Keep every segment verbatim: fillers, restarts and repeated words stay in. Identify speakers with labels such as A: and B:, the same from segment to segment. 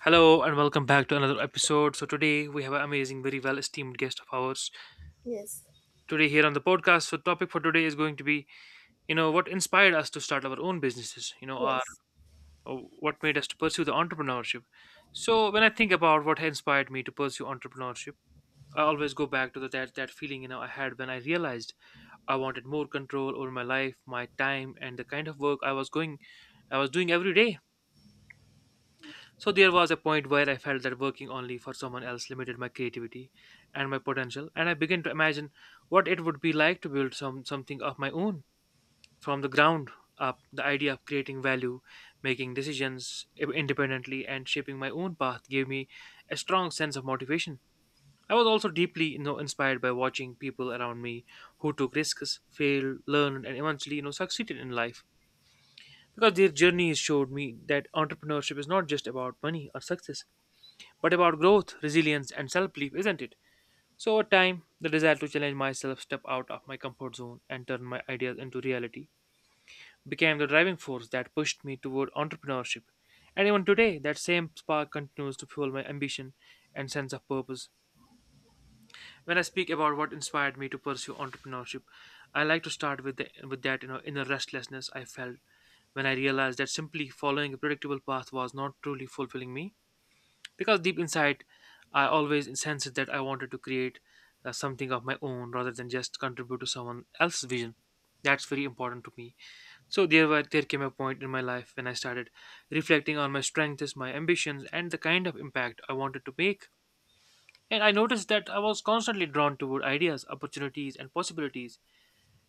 A: Hello and welcome back to another episode. So today we have an amazing, very well esteemed guest of ours
B: Yes.
A: today here on the podcast. So topic for today is going to be, you know, what inspired us to start our own businesses, you know, or,
B: Yes.
A: or what made us to pursue the entrepreneurship. So when I think about what inspired me to pursue entrepreneurship, I always go back to the, that that feeling you know I had when I realized I wanted more control over my life, my time, and the kind of work I was going, I was doing every day. So there was a point where I felt that working only for someone else limited my creativity and my potential, and I began to imagine what it would be like to build some something of my own from the ground up. The idea of creating value, making decisions independently, and shaping my own path gave me a strong sense of motivation. I was also deeply, you know, inspired by watching people around me who took risks, failed, learned, and eventually, you know, succeeded in life. Because their journeys showed me that entrepreneurship is not just about money or success but about growth, resilience, and self belief, isn't it? So, over time, the desire to challenge myself, step out of my comfort zone, and turn my ideas into reality became the driving force that pushed me toward entrepreneurship. And even today, that same spark continues to fuel my ambition and sense of purpose. When I speak about what inspired me to pursue entrepreneurship, I like to start with, the, with that you know, inner restlessness I felt when I realized that simply following a predictable path was not truly fulfilling me. Because deep inside I always sensed that I wanted to create uh, something of my own rather than just contribute to someone else's vision. That's very important to me. So there were there came a point in my life when I started reflecting on my strengths, my ambitions, and the kind of impact I wanted to make. And I noticed that I was constantly drawn toward ideas, opportunities, and possibilities,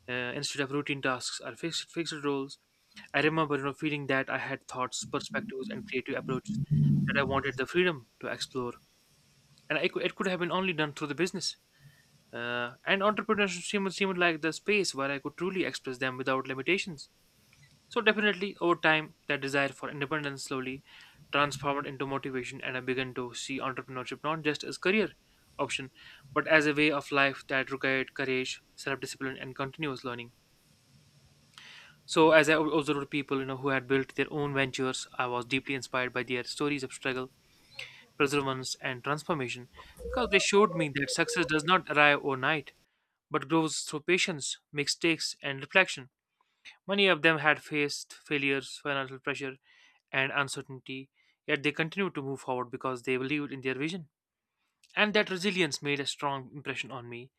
A: uh, instead of routine tasks or fixed fixed roles. I remember you know feeling that I had thoughts, perspectives, and creative approaches that I wanted the freedom to explore, and I could, it could have been only done through the business. Uh, and entrepreneurship seemed, seemed like the space where I could truly express them without limitations. So definitely, over time, that desire for independence slowly transformed into motivation, and I began to see entrepreneurship not just as career option, but as a way of life that required courage, self-discipline, and continuous learning. So as I observed people, you know, who had built their own ventures, I was deeply inspired by their stories of struggle, perseverance, and transformation, because they showed me that success does not arrive overnight but grows through patience, mistakes, and reflection. Many of them had faced failures, financial pressure, and uncertainty, yet they continued to move forward because they believed in their vision. And that resilience made a strong impression on me.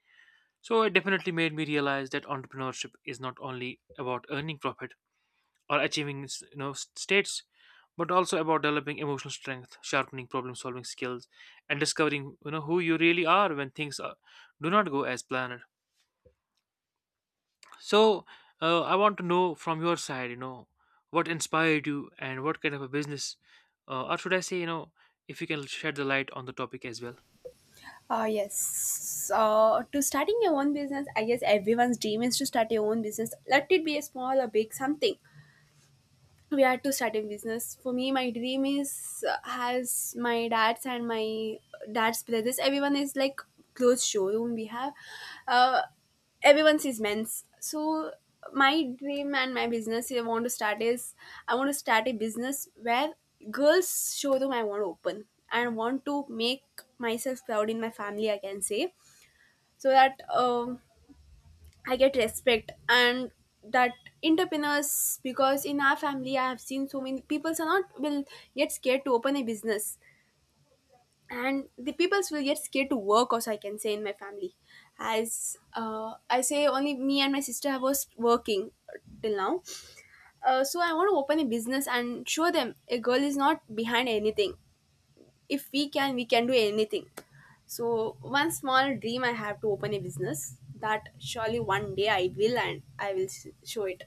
A: So it definitely made me realize that entrepreneurship is not only about earning profit or achieving you know states, but also about developing emotional strength, sharpening problem solving skills, and discovering you know who you really are when things are, do not go as planned. So uh, I want to know from your side, you know what inspired you and what kind of a business, uh, or should I say, you know if you can shed the light on the topic as well.
B: Uh, yes. Uh, to starting your own business, I guess everyone's dream is to start your own business. Let it be a small or big something. We had to start a business. For me, my dream is, uh, has my dad's and my dad's brothers, everyone is like closed showroom we have. uh, Everyone's is men's. So my dream and my business I want to start is, I want to start a business where girls showroom I want to open, and want to make myself proud in my family, I can say. So that, um, I get respect, and that entrepreneurs, because in our family I have seen so many people are not will get scared to open a business, and the peoples will get scared to work also, I can say in my family. As uh, I say, only me and my sister have was working till now. Uh, so I want to open a business and show them a girl is not behind anything. If we can, we can do anything. So one small dream I have to open a business, that surely one day I will, and I will s- show it.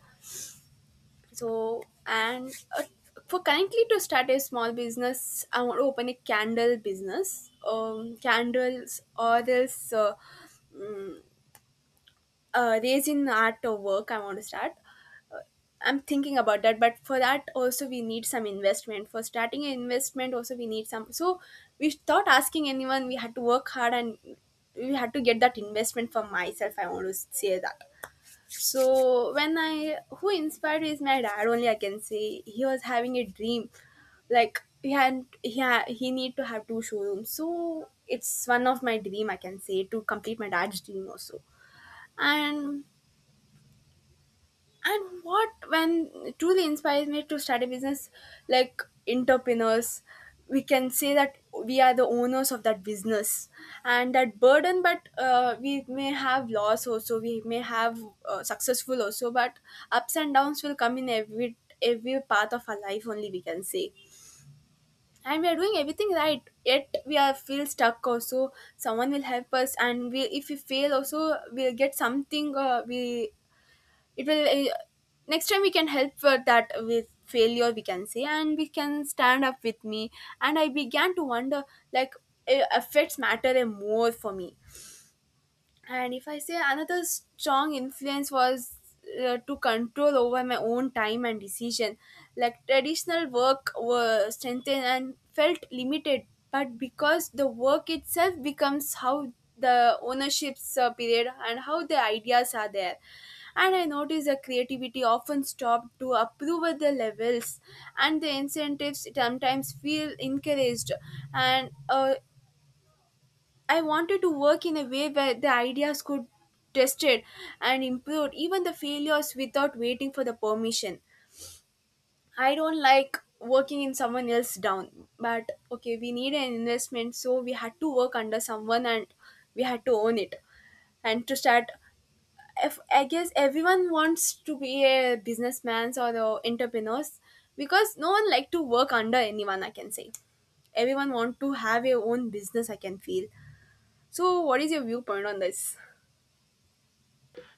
B: So and, uh, for currently to start a small business, I want to open a candle business, um candles, or else uh, uh, raisin art of work I want to start. I'm thinking about that, but for that also we need some investment. For starting an investment, also we need some. So we thought asking anyone, we had to work hard, and we had to get that investment for myself, I want to say that. So when I, who inspired me is my dad only, I can say. He was having a dream, like he had, he ha he need to have two showrooms. So it's one of my dream, I can say, to complete my dad's dream also. and and what when truly inspires me to start a business, like entrepreneurs, we can say that we are the owners of that business and that burden. But uh, we may have loss also, we may have uh, successful also. But ups and downs will come in every every part of our life only, we can say. And we are doing everything right, yet we are feel stuck also. Someone will help us, and we, if we fail also, we'll get something. Uh, we, it will, uh, next time we can help for that with failure, we can say, and we can stand up with me. And I began to wonder, like, uh, affects matter a more for me. And if I say, another strong influence was uh, to control over my own time and decision. Like traditional work were strengthened and felt limited, but because the work itself becomes how the ownership's uh, period and how the ideas are there. And I noticed the creativity often stopped to approve at the levels, and the incentives sometimes feel encouraged. And uh, I wanted to work in a way where the ideas could tested and improved, even the failures, without waiting for the permission. I don't like working in someone else down, but okay, we need an investment, so we had to work under someone, and we had to own it. And to start, if, I guess everyone wants to be a businessman or the entrepreneurs, because no one like to work under anyone, I can say. Everyone want to have a own business, I can feel. So, what is your viewpoint on this?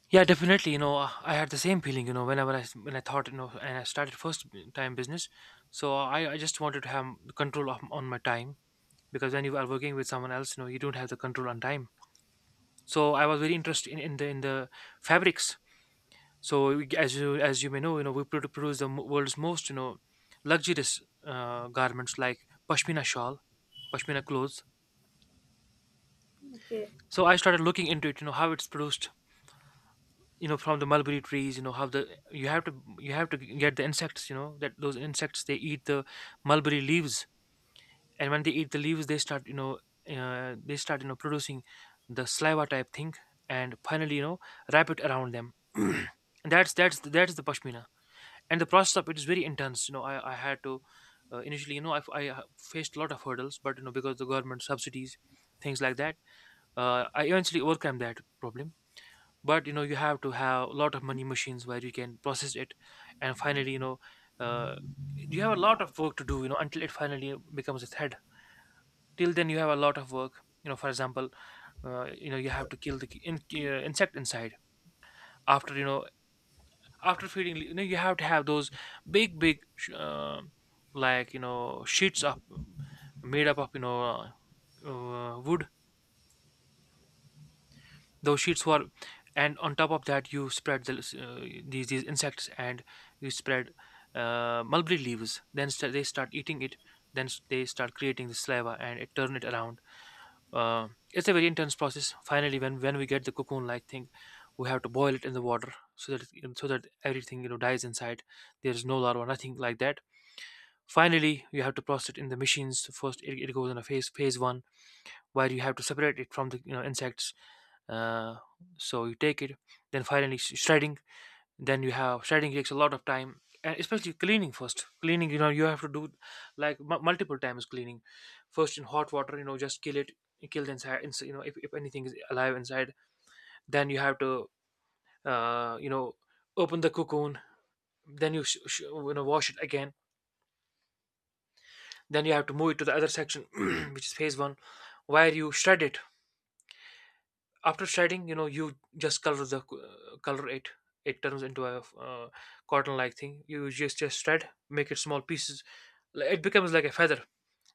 A: Yeah, definitely, you know uh, I had the same feeling, you know whenever i s- when I thought, you know and I started first b- time business. so i, I just wanted to have the control of, on my time, because when you are working with someone else, you know you don't have the control on time. So I was very interested in, in the in the fabrics. So we- as you as you may know, you know we produ- produce the mo- world's most, you know luxurious uh, garments like pashmina shawl, pashmina clothes.
B: Okay.
A: So I started looking into it, you know how it's produced, you know from the mulberry trees. You know how the, you have to you have to get the insects, you know that those insects, they eat the mulberry leaves. And when they eat the leaves, they start you know uh, they start, you know producing the saliva type thing, and finally, you know wrap it around them and that's that's that's the pashmina. And the process of it is very intense, you know i, I had to, uh, initially, you know I, I uh, faced a lot of hurdles, but you know because the government subsidies, things like that, uh, I eventually overcame that problem. But you know you have to have a lot of money, machines where you can process it. And finally, you know uh, you have a lot of work to do, you know until it finally becomes a thread. Till then, you have a lot of work, you know for example, uh, you know you have to kill the ki- in, uh, insect inside. After, you know after feeding, you know you have to have those big big sh- uh, like, you know sheets of, made up of, you know uh, uh, wood. Those sheets were, and on top of that, you spread the, uh, these these insects and you spread uh, mulberry leaves, then st- they start eating it. Then s- they start creating the saliva, and it turn it around. uh, it's a very intense process. Finally, when when we get the cocoon like thing, we have to boil it in the water, so that it- so that everything, you know dies inside. There's no larva, nothing like that. Finally, you have to process it in the machines. First it, it goes in a phase phase one, where you have to separate it from the, you know insects. uh, so you take it, then finally sh- shredding. Then you have shredding, takes a lot of time, and especially cleaning, first cleaning, you know you have to do like m- multiple times cleaning. First in hot water, you know just kill it, kill the inside ins- you know if, if anything is alive inside. Then you have to, uh, you know open the cocoon, then you, sh- sh- you know wash it again. Then you have to move it to the other section which is phase one, where you shred it. After shredding, you know you just color the co- uh, color it. It turns into a, uh, cotton like thing. You just just shred, make it small pieces. Like, it becomes like a feather.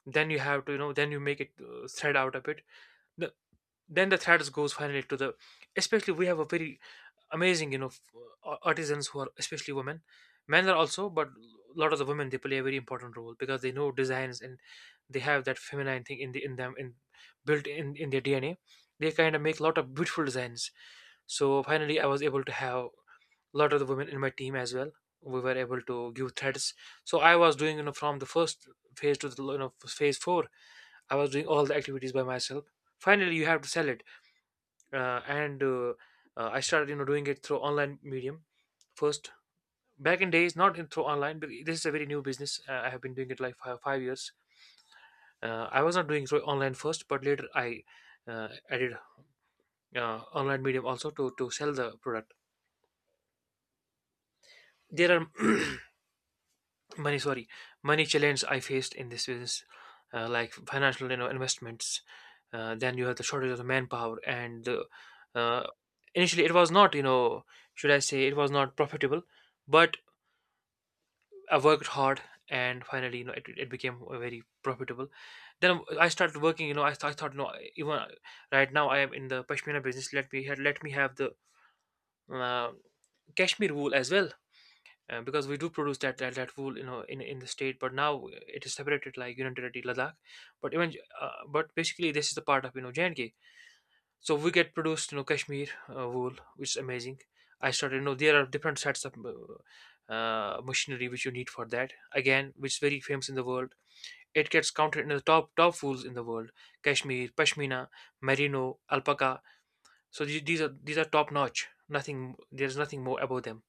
A: Then you have to, you know then you make it uh, thread out a bit, the, then the threads goes finally to the, especially we have a very amazing, you know f- uh, artisans who are especially women. Men are also, but a lot of the women, they play a very important role because they know designs, and they have that feminine thing in the in them, in built in in their DNA. They kind of make a lot of beautiful designs. So finally I was able to have a lot of the women in my team as well. We were able to give threads. So I was doing, you know from the first phase to the, you know phase four. I was doing all the activities by myself. Finally you have to sell it. Uh, and uh, uh, I started, you know doing it through online medium first. Back in days, not in, through online, but this is a very new business. uh, I have been doing it like five, five years. uh, I was not doing through online first, but later I, uh, added uh, online medium also to to sell the product. There are money sorry money challenges I faced in this business. Uh, like financial, you know investments. Uh, then you have the shortage of the manpower, and the, uh, initially it was not, you know should I say, it was not profitable. But I worked hard, and finally, you know it, it became very profitable. Then I started working, you know i, th- I thought, no, even right now I am in the pashmina business. Let me ha- let me have the uh, kashmir wool as well. Uh, because we do produce that that, that wool, you know in in the state, but now it is separated, like, you know ladakh. But even, uh, but basically this is the part of, you know J and K. so we get produced you know Kashmir uh, wool, which is amazing. I started, you know there are different sets of uh, uh, machinery which you need for that, again, which is very famous in the world. It gets counted in the top top wools in the world: Kashmir pashmina, merino, alpaca. So the- these are these are top notch. Nothing. There's nothing more above them.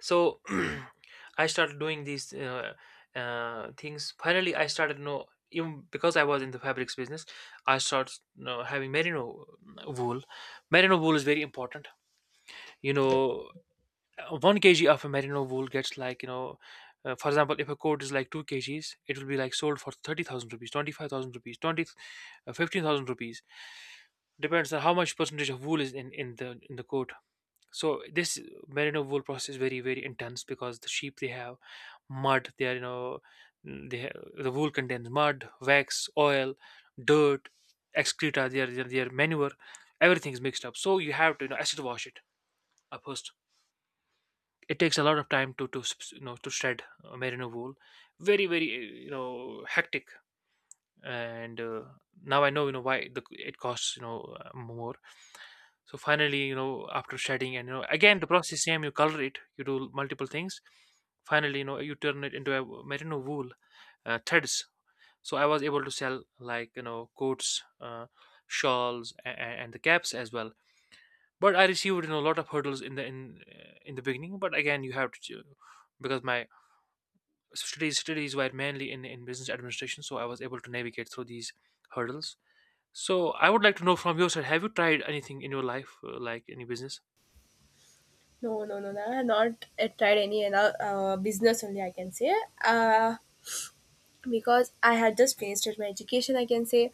A: So I started doing these uh, uh, things. Finally, I started, you know even because I was in the fabrics business, I started, you know, having merino uh, wool. Merino wool is very important, you know. Uh, one kg of a merino wool gets, like, you know uh, for example, if a coat is like two kgs, it will be like sold for thirty thousand rupees, twenty-five thousand rupees, twenty, uh, fifteen thousand rupees. Depends on how much percentage of wool is in in the in the coat. So this merino wool process is very, very intense because the sheep, they have mud, they are, you know mm, they have, the wool contains mud, wax, oil, dirt, excreta, their their, their manure. Everything is mixed up, so you have to, you know acid wash it up first. It takes a lot of time to to s- s- you know to shred uh, merino wool. Very, very uh, you know hectic. And uh, now I know, you know why the it costs, you know uh, more. So finally, you know, after shedding, and, you know again the process same. You color it, you do multiple things. Finally, you know, you turn it into a merino wool uh, threads. So I was able to sell, like, you know coats, uh, shawls, and, and the caps as well. But I received, you know a lot of hurdles in the in uh, in the beginning. But again, you have to ch- because my studies studies were mainly in in business administration, so I was able to navigate through these hurdles. So I would like to know from your side, have you tried anything in your life, uh, like any business?
B: No, no, no, no. I have not uh, tried any other uh, business only, I can say. Uh, because I had just finished my education, I can say.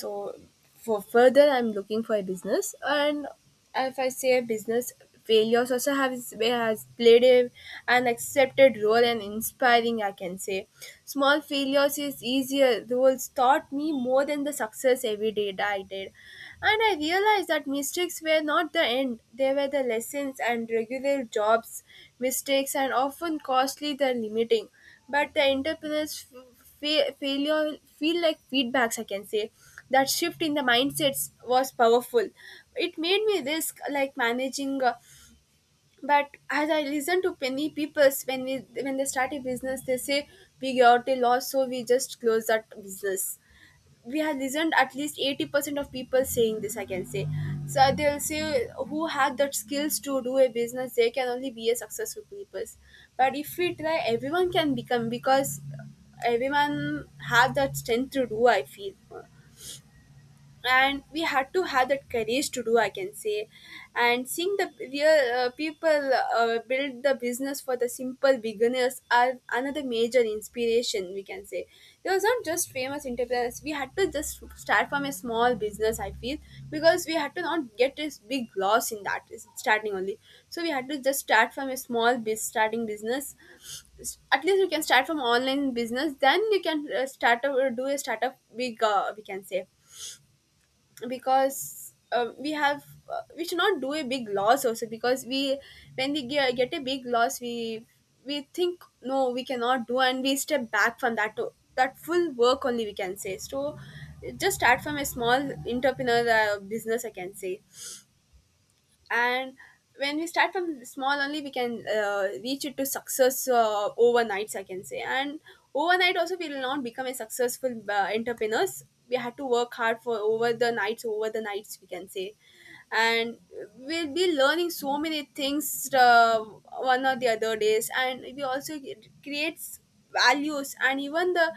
B: So for further, I'm looking for a business. And if I say a business, failures also has, has played a, an accepted role and inspiring, I can say. Small failures is easier roles, taught me more than the success every day that I did. And I realized that mistakes were not the end, they were the lessons. And regular jobs mistakes and often costly than limiting, but the entrepreneurs, f- fa- failure feel like feedbacks, I can say. That shift in the mindsets was powerful. It made me risk like managing. Uh, but as I listen to many peoples, when we when they start a business, they say we got a loss so we just close that business. We have listened at least eighty percent of people saying this, I can say. So they'll say, who have that skills to do a business, they can only be a successful people. But if we try, everyone can become, because everyone have that strength to do, I feel. And we had to have that courage to do, I can say. And seeing the real uh, people uh, build the business for the simple beginners are another major inspiration, we can say. There was not just famous entrepreneurs, we had to just start from a small business, I feel. Because we had to not get this big loss in that is starting only. So we had to just start from a small biz starting business. At least you can start from online business, then you can uh, start up or do a startup big, uh, we can say. Because uh, we have, uh, we should not do a big loss also. Because we, when we ge- get a big loss, we we think no we cannot do, and we step back from that to, that full work only, we can say. So just start from a small entrepreneur uh, business, I can say. And when we start from small only, we can uh, reach it to success uh, overnights, I can say. And overnight also we will not become a successful uh, entrepreneurs. We had to work hard for over the nights, over the nights, we can say. And we'll be learning so many things, uh, one or the other days. And we also creates values, and even the,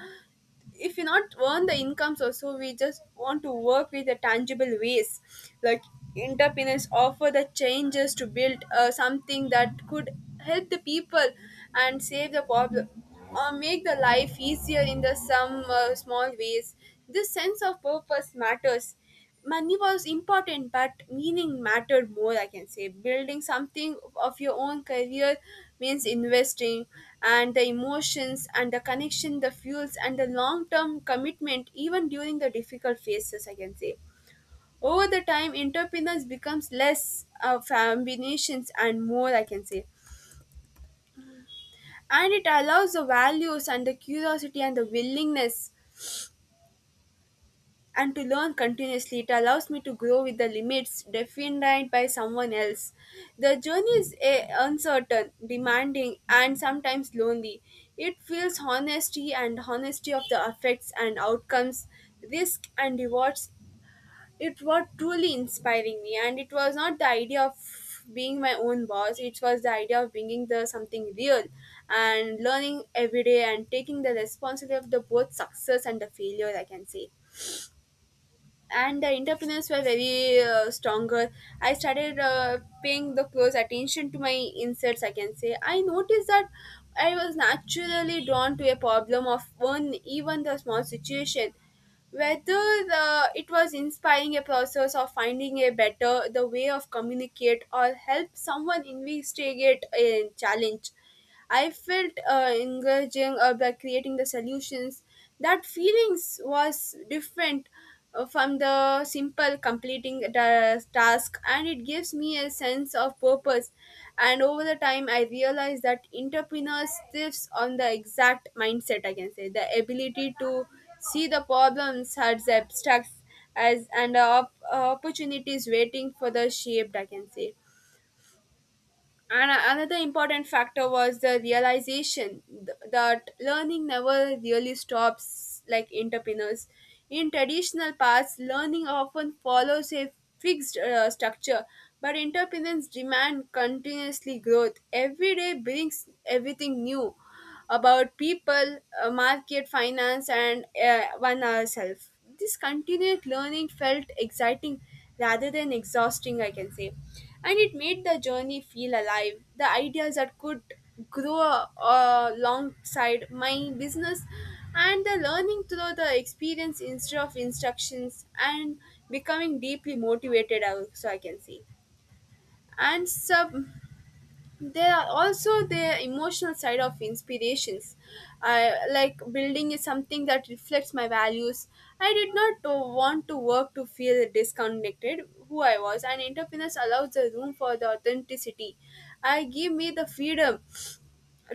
B: if you not earn the incomes also, we just want to work with the tangible ways. Like entrepreneurs offer the changes to build uh, something that could help the people and save the problem or make the life easier in the some uh, small ways. This sense of purpose matters. Money was important, but meaning mattered more, I can say. Building something of your own career means investing, and the emotions and the connection, the fuels and the long term commitment even during the difficult phases, I can say. Over the time entrepreneurs becomes less uh, combinations and more, I can say. And it allows the values and the curiosity and the willingness, and to learn continuously. It allows me to grow with the limits defined by someone else. The journey is eh, uncertain, demanding, and sometimes lonely. It feels honesty and honesty of the effects and outcomes, risk and rewards. It was truly inspiring me, and it was not the idea of being my own boss. It was the idea of bringing the something real and learning every day and taking the responsibility of the both success and the failure, I can say. And the entrepreneurs were very uh, stronger. I started uh, paying the close attention to my inserts, I can say. I noticed that I was naturally drawn to a problem of one, even the small situation. Whether the, it was inspiring a process of finding a better the way of communicate or help someone investigate a challenge, I felt uh, engaging uh, by creating the solutions. That feelings was different uh, from the simple completing the task, and it gives me a sense of purpose. And over the time I realized that entrepreneurs thrives on the exact mindset, I can say. The ability to see the problems as abstracts as, and uh, op- uh, opportunities waiting for the shaped, I can say. And a- another important factor was the realization th- that learning never really stops like entrepreneurs. In traditional paths, learning often follows a fixed uh, structure, but entrepreneurs demand continuously growth. Every day brings everything new about people, uh, market, finance, and uh, one ourselves. This continued learning felt exciting rather than exhausting, I can say, and it made the journey feel alive. The ideas that could grow uh, alongside my business and the learning through the experience instead of instructions and becoming deeply motivated also, I can say. And sub, there are also the emotional side of inspirations. I like building is something that reflects my values. I did not uh, want to work to feel disconnected who I was, and entrepreneurs allows the room for the authenticity. I give me the freedom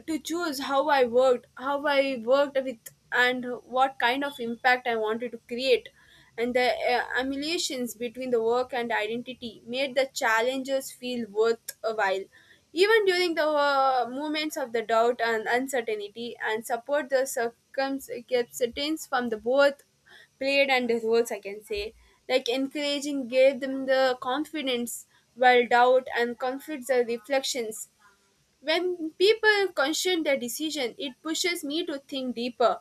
B: to choose how I worked, how I worked with, and what kind of impact I wanted to create. And the uh, emulations between the work and identity made the challenges feel worthwhile. Even during the uh, moments of the doubt and uncertainty, and support the circumstances from the both played and the roles, I can say. Like encouraging gave them the confidence while doubt and conflicts are reflections when people question their decision, it pushes me to think deeper,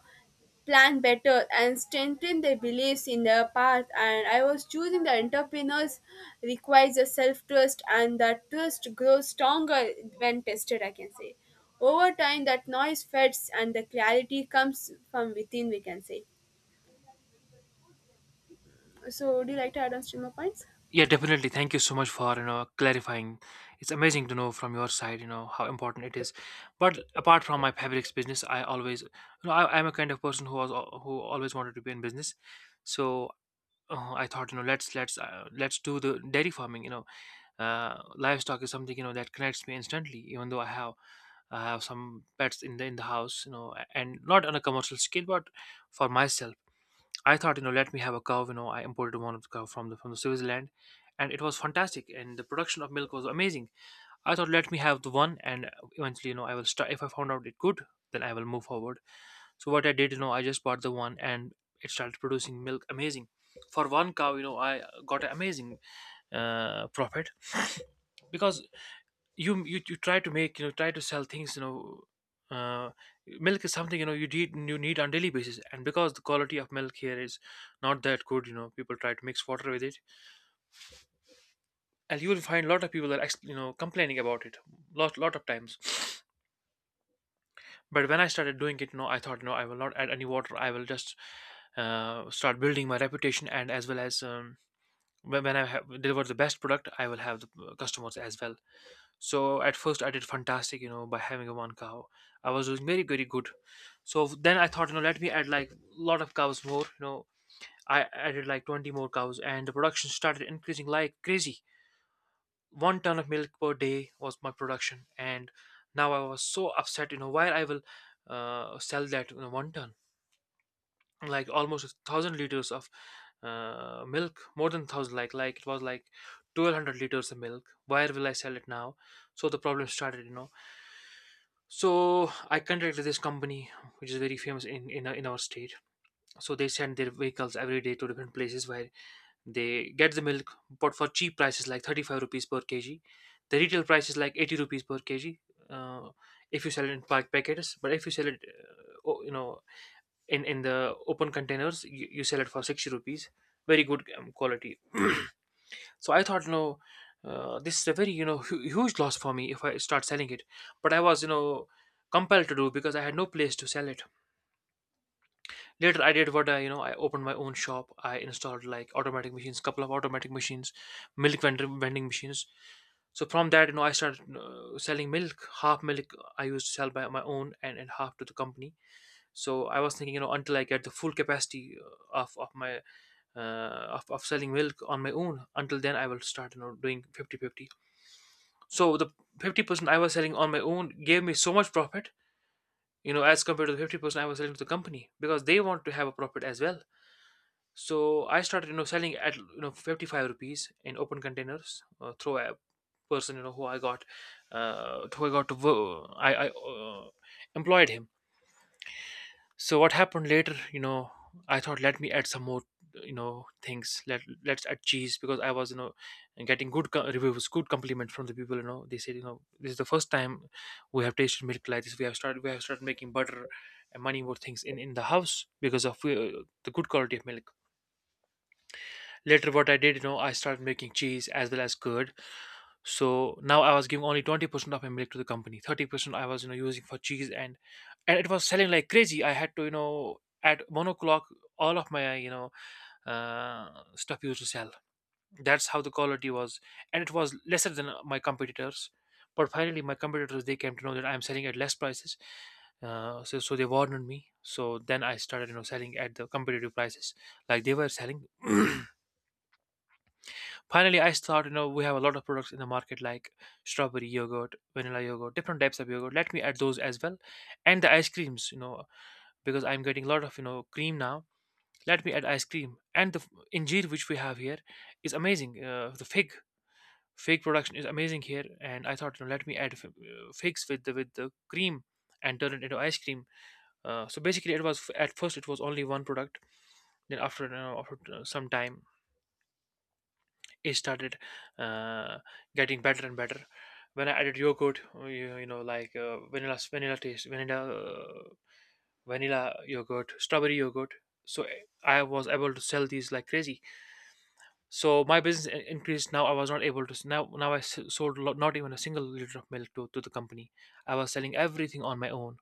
B: plan better, and strengthen their beliefs in their path. And I was choosing the entrepreneurs requires a self trust, and that trust grows stronger when tested. I can say, over time, that noise fades, and the clarity comes from within. We can say. So, would you like to add on some more points?
A: Yeah, definitely. Thank you so much for, you know, clarifying. It's amazing to know from your side, you know, how important it is. But apart from my fabrics business, I always, you know, I, I'm a kind of person who was al- who always wanted to be in business. So uh, I thought, you know, let's let's uh, let's do the dairy farming. You know, uh, livestock is something, you know that connects me instantly, even though I have I have some pets in the in the house, you know, a- and not on a commercial scale, but for myself. I thought, you know, let me have a cow. You know, I imported one of the cow from the from the Switzerland, and it was fantastic. And the production of milk was amazing. I thought, let me have the one, and eventually, you know, I will start. If I found out it good, then I will move forward. So what I did, you know, I just bought the one, and it started producing milk. Amazing. For one cow, you know, I got an amazing uh, profit, because you you you try to make, you know try to sell things, you know uh, milk is something, you know you need you need on daily basis. And because the quality of milk here is not that good, you know people try to mix water with it, and you will find a lot of people that ex- you know complaining about it, lot lot of times. But when I started doing it, no, I thought, no, I will not add any water. I will just uh, start building my reputation, and as well as, um, when, when I have deliver the best product, I will have the uh, customers as well. So at first I did fantastic, you know, by having a one cow. I was doing very, very good. So then I thought, you know, let me add like a lot of cows more. You know, I added like twenty more cows, and the production started increasing like crazy. One ton of milk per day was my production. And now I was so upset, you know, where I will uh, sell that, you know, one ton, like almost a thousand liters of uh, milk, more than thousand, like, like it was like twelve hundred liters of milk. Where will I sell it now? So the problem started, you know So I contacted this company, which is very famous in in, in our state. So they send their vehicles every day to different places where they get the milk, but for cheap prices, like thirty five rupees per kg. The retail price is like eighty rupees per kg. Uh, if you sell it in pack packets, but if you sell it, uh, o- you know, in in the open containers, you, you sell it for sixty rupees. Very good, um, quality. So I thought, you know, uh, this is a very, you know, hu- huge loss for me if I start selling it. But I was, you know, compelled to do because I had no place to sell it. Later, I did what I, you know, I opened my own shop. I installed like automatic machines, couple of automatic machines, milk vendor vending machines. So from that, you know, I started uh, selling milk. Half milk I used to sell by my own, and, and half to the company. So I was thinking, you know, until I get the full capacity uh, of of my uh, of, of selling milk on my own, until then I will start, you know, doing fifty fifty. So the fifty percent I was selling on my own gave me so much profit, you know, as compared to the fifty percent I was selling to the company, because they want to have a profit as well. So I started, you know, selling at, you know, fifty-five rupees, in open containers uh, through a person, you know, who I got, uh, who I got to, wo- I, I uh, employed him. So what happened later, you know I thought, let me add some more, you know things. Let let's add cheese, because I was, you know getting good co- reviews, good compliments from the people. You know they said, you know this is the first time we have tasted milk like this. We have started we have started making butter and many more things in in the house, because of uh, the good quality of milk. Later, what I did, you know I started making cheese as well as curd. So now I was giving only twenty percent of my milk to the company, thirty percent I was, you know using for cheese, and and it was selling like crazy. I had to, you know, at one o'clock, all of my, you know, uh, stuff used to sell. That's how the quality was, and it was lesser than uh, my competitors. But finally, my competitors, they came to know that I'm selling at less prices, uh, so so they warned me. So then I started, you know, selling at the competitive prices, like they were selling. Finally, I thought, you know, we have a lot of products in the market, like strawberry yogurt, vanilla yogurt, different types of yogurt. Let me add those as well, and the ice creams, you know, because I'm getting a lot of you know cream now. Let me add ice cream. And the f- injeer, which we have here, is amazing. Uh, the fig fig production is amazing here, and I thought, you know let me add f- uh, figs with the with the cream and turn it into ice cream. Uh, so basically, it was, at first, it was only one product. Then after, you know, after uh, some time, it started uh, getting better and better. When I added yogurt, uh, you, you know, like uh, vanilla vanilla taste, vanilla, uh, vanilla yogurt, strawberry yogurt. So eh, I was able to sell these like crazy. So my business in- increased. Now I was not able to, now now I s- sold lo- not even a single liter of milk to, to the company. I was selling everything on my own.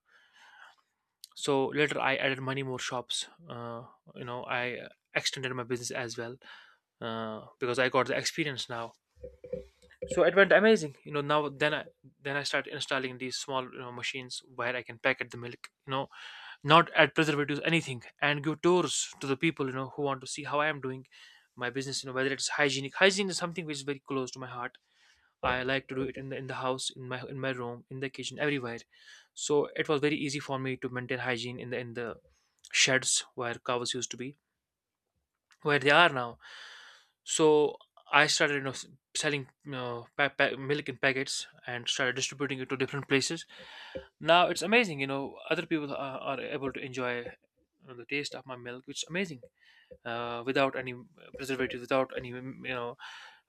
A: So later I added many more shops. Uh, you know I uh, extended my business as well, uh, because I got the experience now. So it went amazing, you know now. Then i then i start installing these small, you know machines where I can packet the milk, you know not add preservatives, anything, and give tours to the people, you know who want to see how I am doing my business, you know whether it's hygienic. Hygiene is something which is very close to my heart. I like to do it in the in the house, in my in my room, in the kitchen, everywhere. So it was very easy for me to maintain hygiene in the in the sheds where cows used to be, where they are now. So I started, you know, s- selling, you know, pa- pa- milk in packets, and started distributing it to different places. Now it's amazing, you know, other people are, are able to enjoy uh, the taste of my milk, which is amazing, uh, without any preservatives, without any, mm, you know,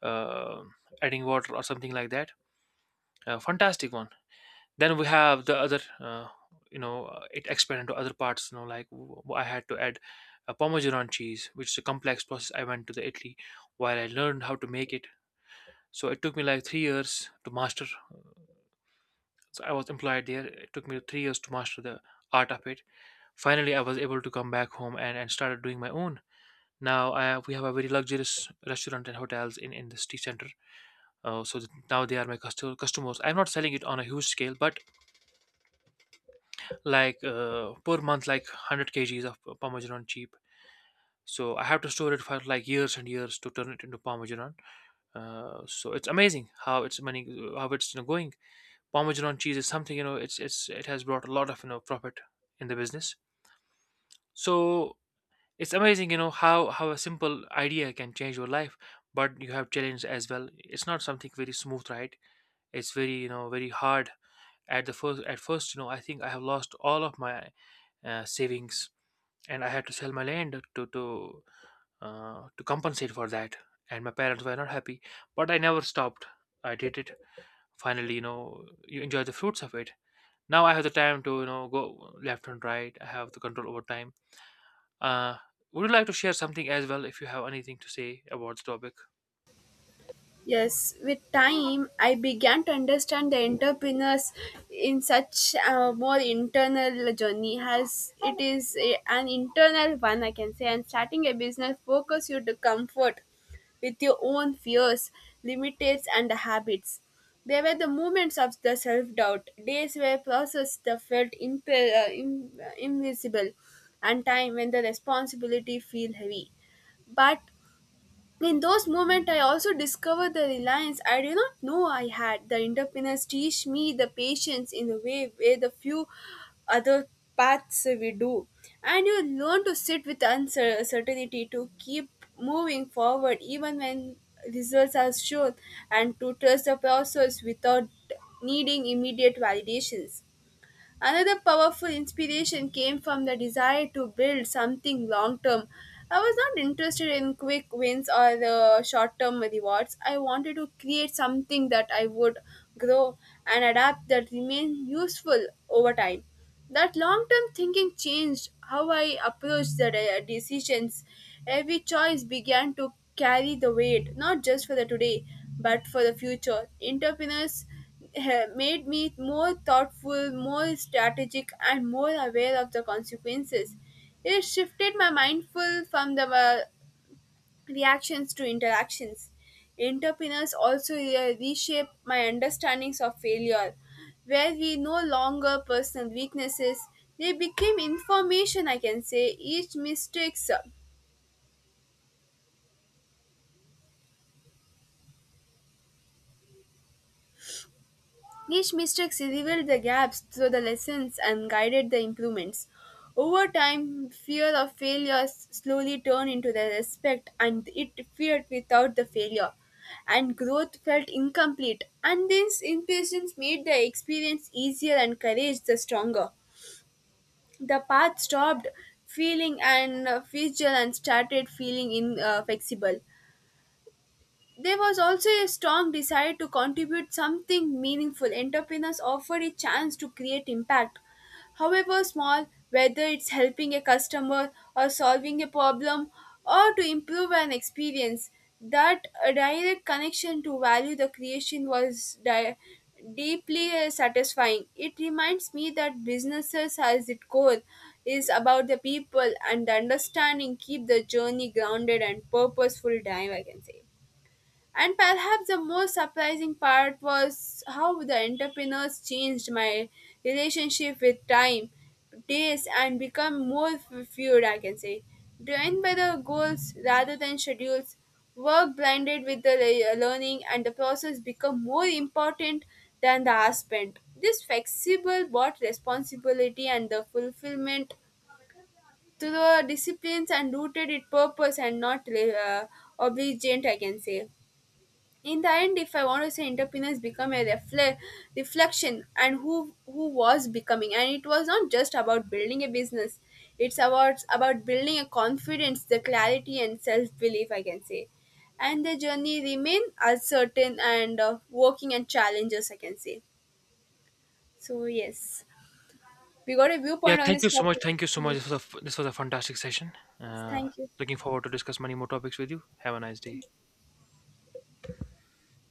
A: uh, adding water or something like that. A fantastic one. Then we have the other, uh, you know uh, it expanded to other parts, you know like, w- I had to add a parmesan cheese, which is a complex process. I went to the Italy, while I learned how to make it. So it took me like three years to master. So I was employed there. It took me three years to master the art of it. Finally, I was able to come back home, and, and started doing my own. Now I, we have a very luxurious restaurant and hotels in, in the city center. Uh, so that now they are my custo- customers. I'm not selling it on a huge scale, but like, uh, per month, like one hundred kgs of parmesan cheap. So I have to store it for like years and years to turn it into parmesan. Uh, so it's amazing how it's money, how it's, you know, going. Parmesan cheese is something, you know it's it's it has brought a lot of, you know profit in the business. So it's amazing, you know how how a simple idea can change your life. But you have challenges as well. It's not something very smooth, right? It's very, you know very hard. At the first at first, you know I think I have lost all of my uh, savings, and I had to sell my land to to uh, to compensate for that. And my parents were not happy, but I never stopped. I did it. Finally, you know, you enjoy the fruits of it. Now I have the time to, you know go left and right. I have the control over time. Uh, would you like to share something as well if you have anything to say about the topic?
B: Yes, with time, I began to understand the entrepreneurs in such a more internal journey as it is a, an internal one, I can say. And starting a business focus you to comfort with your own fears, limitations, and habits. There were the moments of the self doubt, days where process that felt imp- uh, im- uh, invisible, and time when the responsibility feel heavy. But in those moments, I also discovered the reliance I did not know I had. The entrepreneurs teach me the patience in a way where the few other paths we do. And you learn to sit with uncertainty to keep moving forward even when results are shown and to trust the process without needing immediate validations. Another powerful inspiration came from the desire to build something long term. I was not interested in quick wins or the short term rewards. I wanted to create something that I would grow and adapt that remained useful over time. That long term thinking changed how I approached the de- decisions. Every choice began to carry the weight, not just for the today, but for the future. Entrepreneurs eh, made me more thoughtful, more strategic, and more aware of the consequences. It shifted my mindful from the uh, reactions to interactions. Entrepreneurs also re- reshape my understandings of failure, where we no longer personal weaknesses. They became information, I can say. Each mistakes These mistakes revealed the gaps through the lessons and guided the improvements. Over time, fear of failure slowly turned into the respect and it feared without the failure. And growth felt incomplete, and this impatience made the experience easier and courage the stronger. The path stopped feeling and uh, fragile and started feeling in, uh, flexible. There was also a strong desire to contribute something meaningful. Entrepreneurs offered a chance to create impact, however small, whether it's helping a customer or solving a problem or to improve an experience. That uh, direct connection to value the creation was di- deeply uh, satisfying. It reminds me that businesses, as its core, is about the people and the understanding keep the journey grounded and purposeful. Time I can say. And perhaps the most surprising part was how the entrepreneurs changed my relationship with time, days, and become more f- fluid, I can say. Driven by the goals rather than schedules, work blended with the le- learning and the process become more important than the hour spent. This flexible brought responsibility and the fulfillment to the disciplines and rooted in purpose and not uh, obligation, I can say. In the end, if I want to say, entrepreneurs become a refle- reflection and who who was becoming, and it was not just about building a business. It's about about building a confidence, the clarity and self-belief, I can say. And the journey remain uncertain and uh, working and challenges, I can say. So yes, we got a
A: Yeah,
B: viewpoint on
A: thank
B: this
A: you so much.
B: topic.
A: Thank you so much.
B: Yes,
A: This was a f- this was a fantastic session. Uh,
B: thank you.
A: Looking forward to discuss many more topics with you. Have a nice day.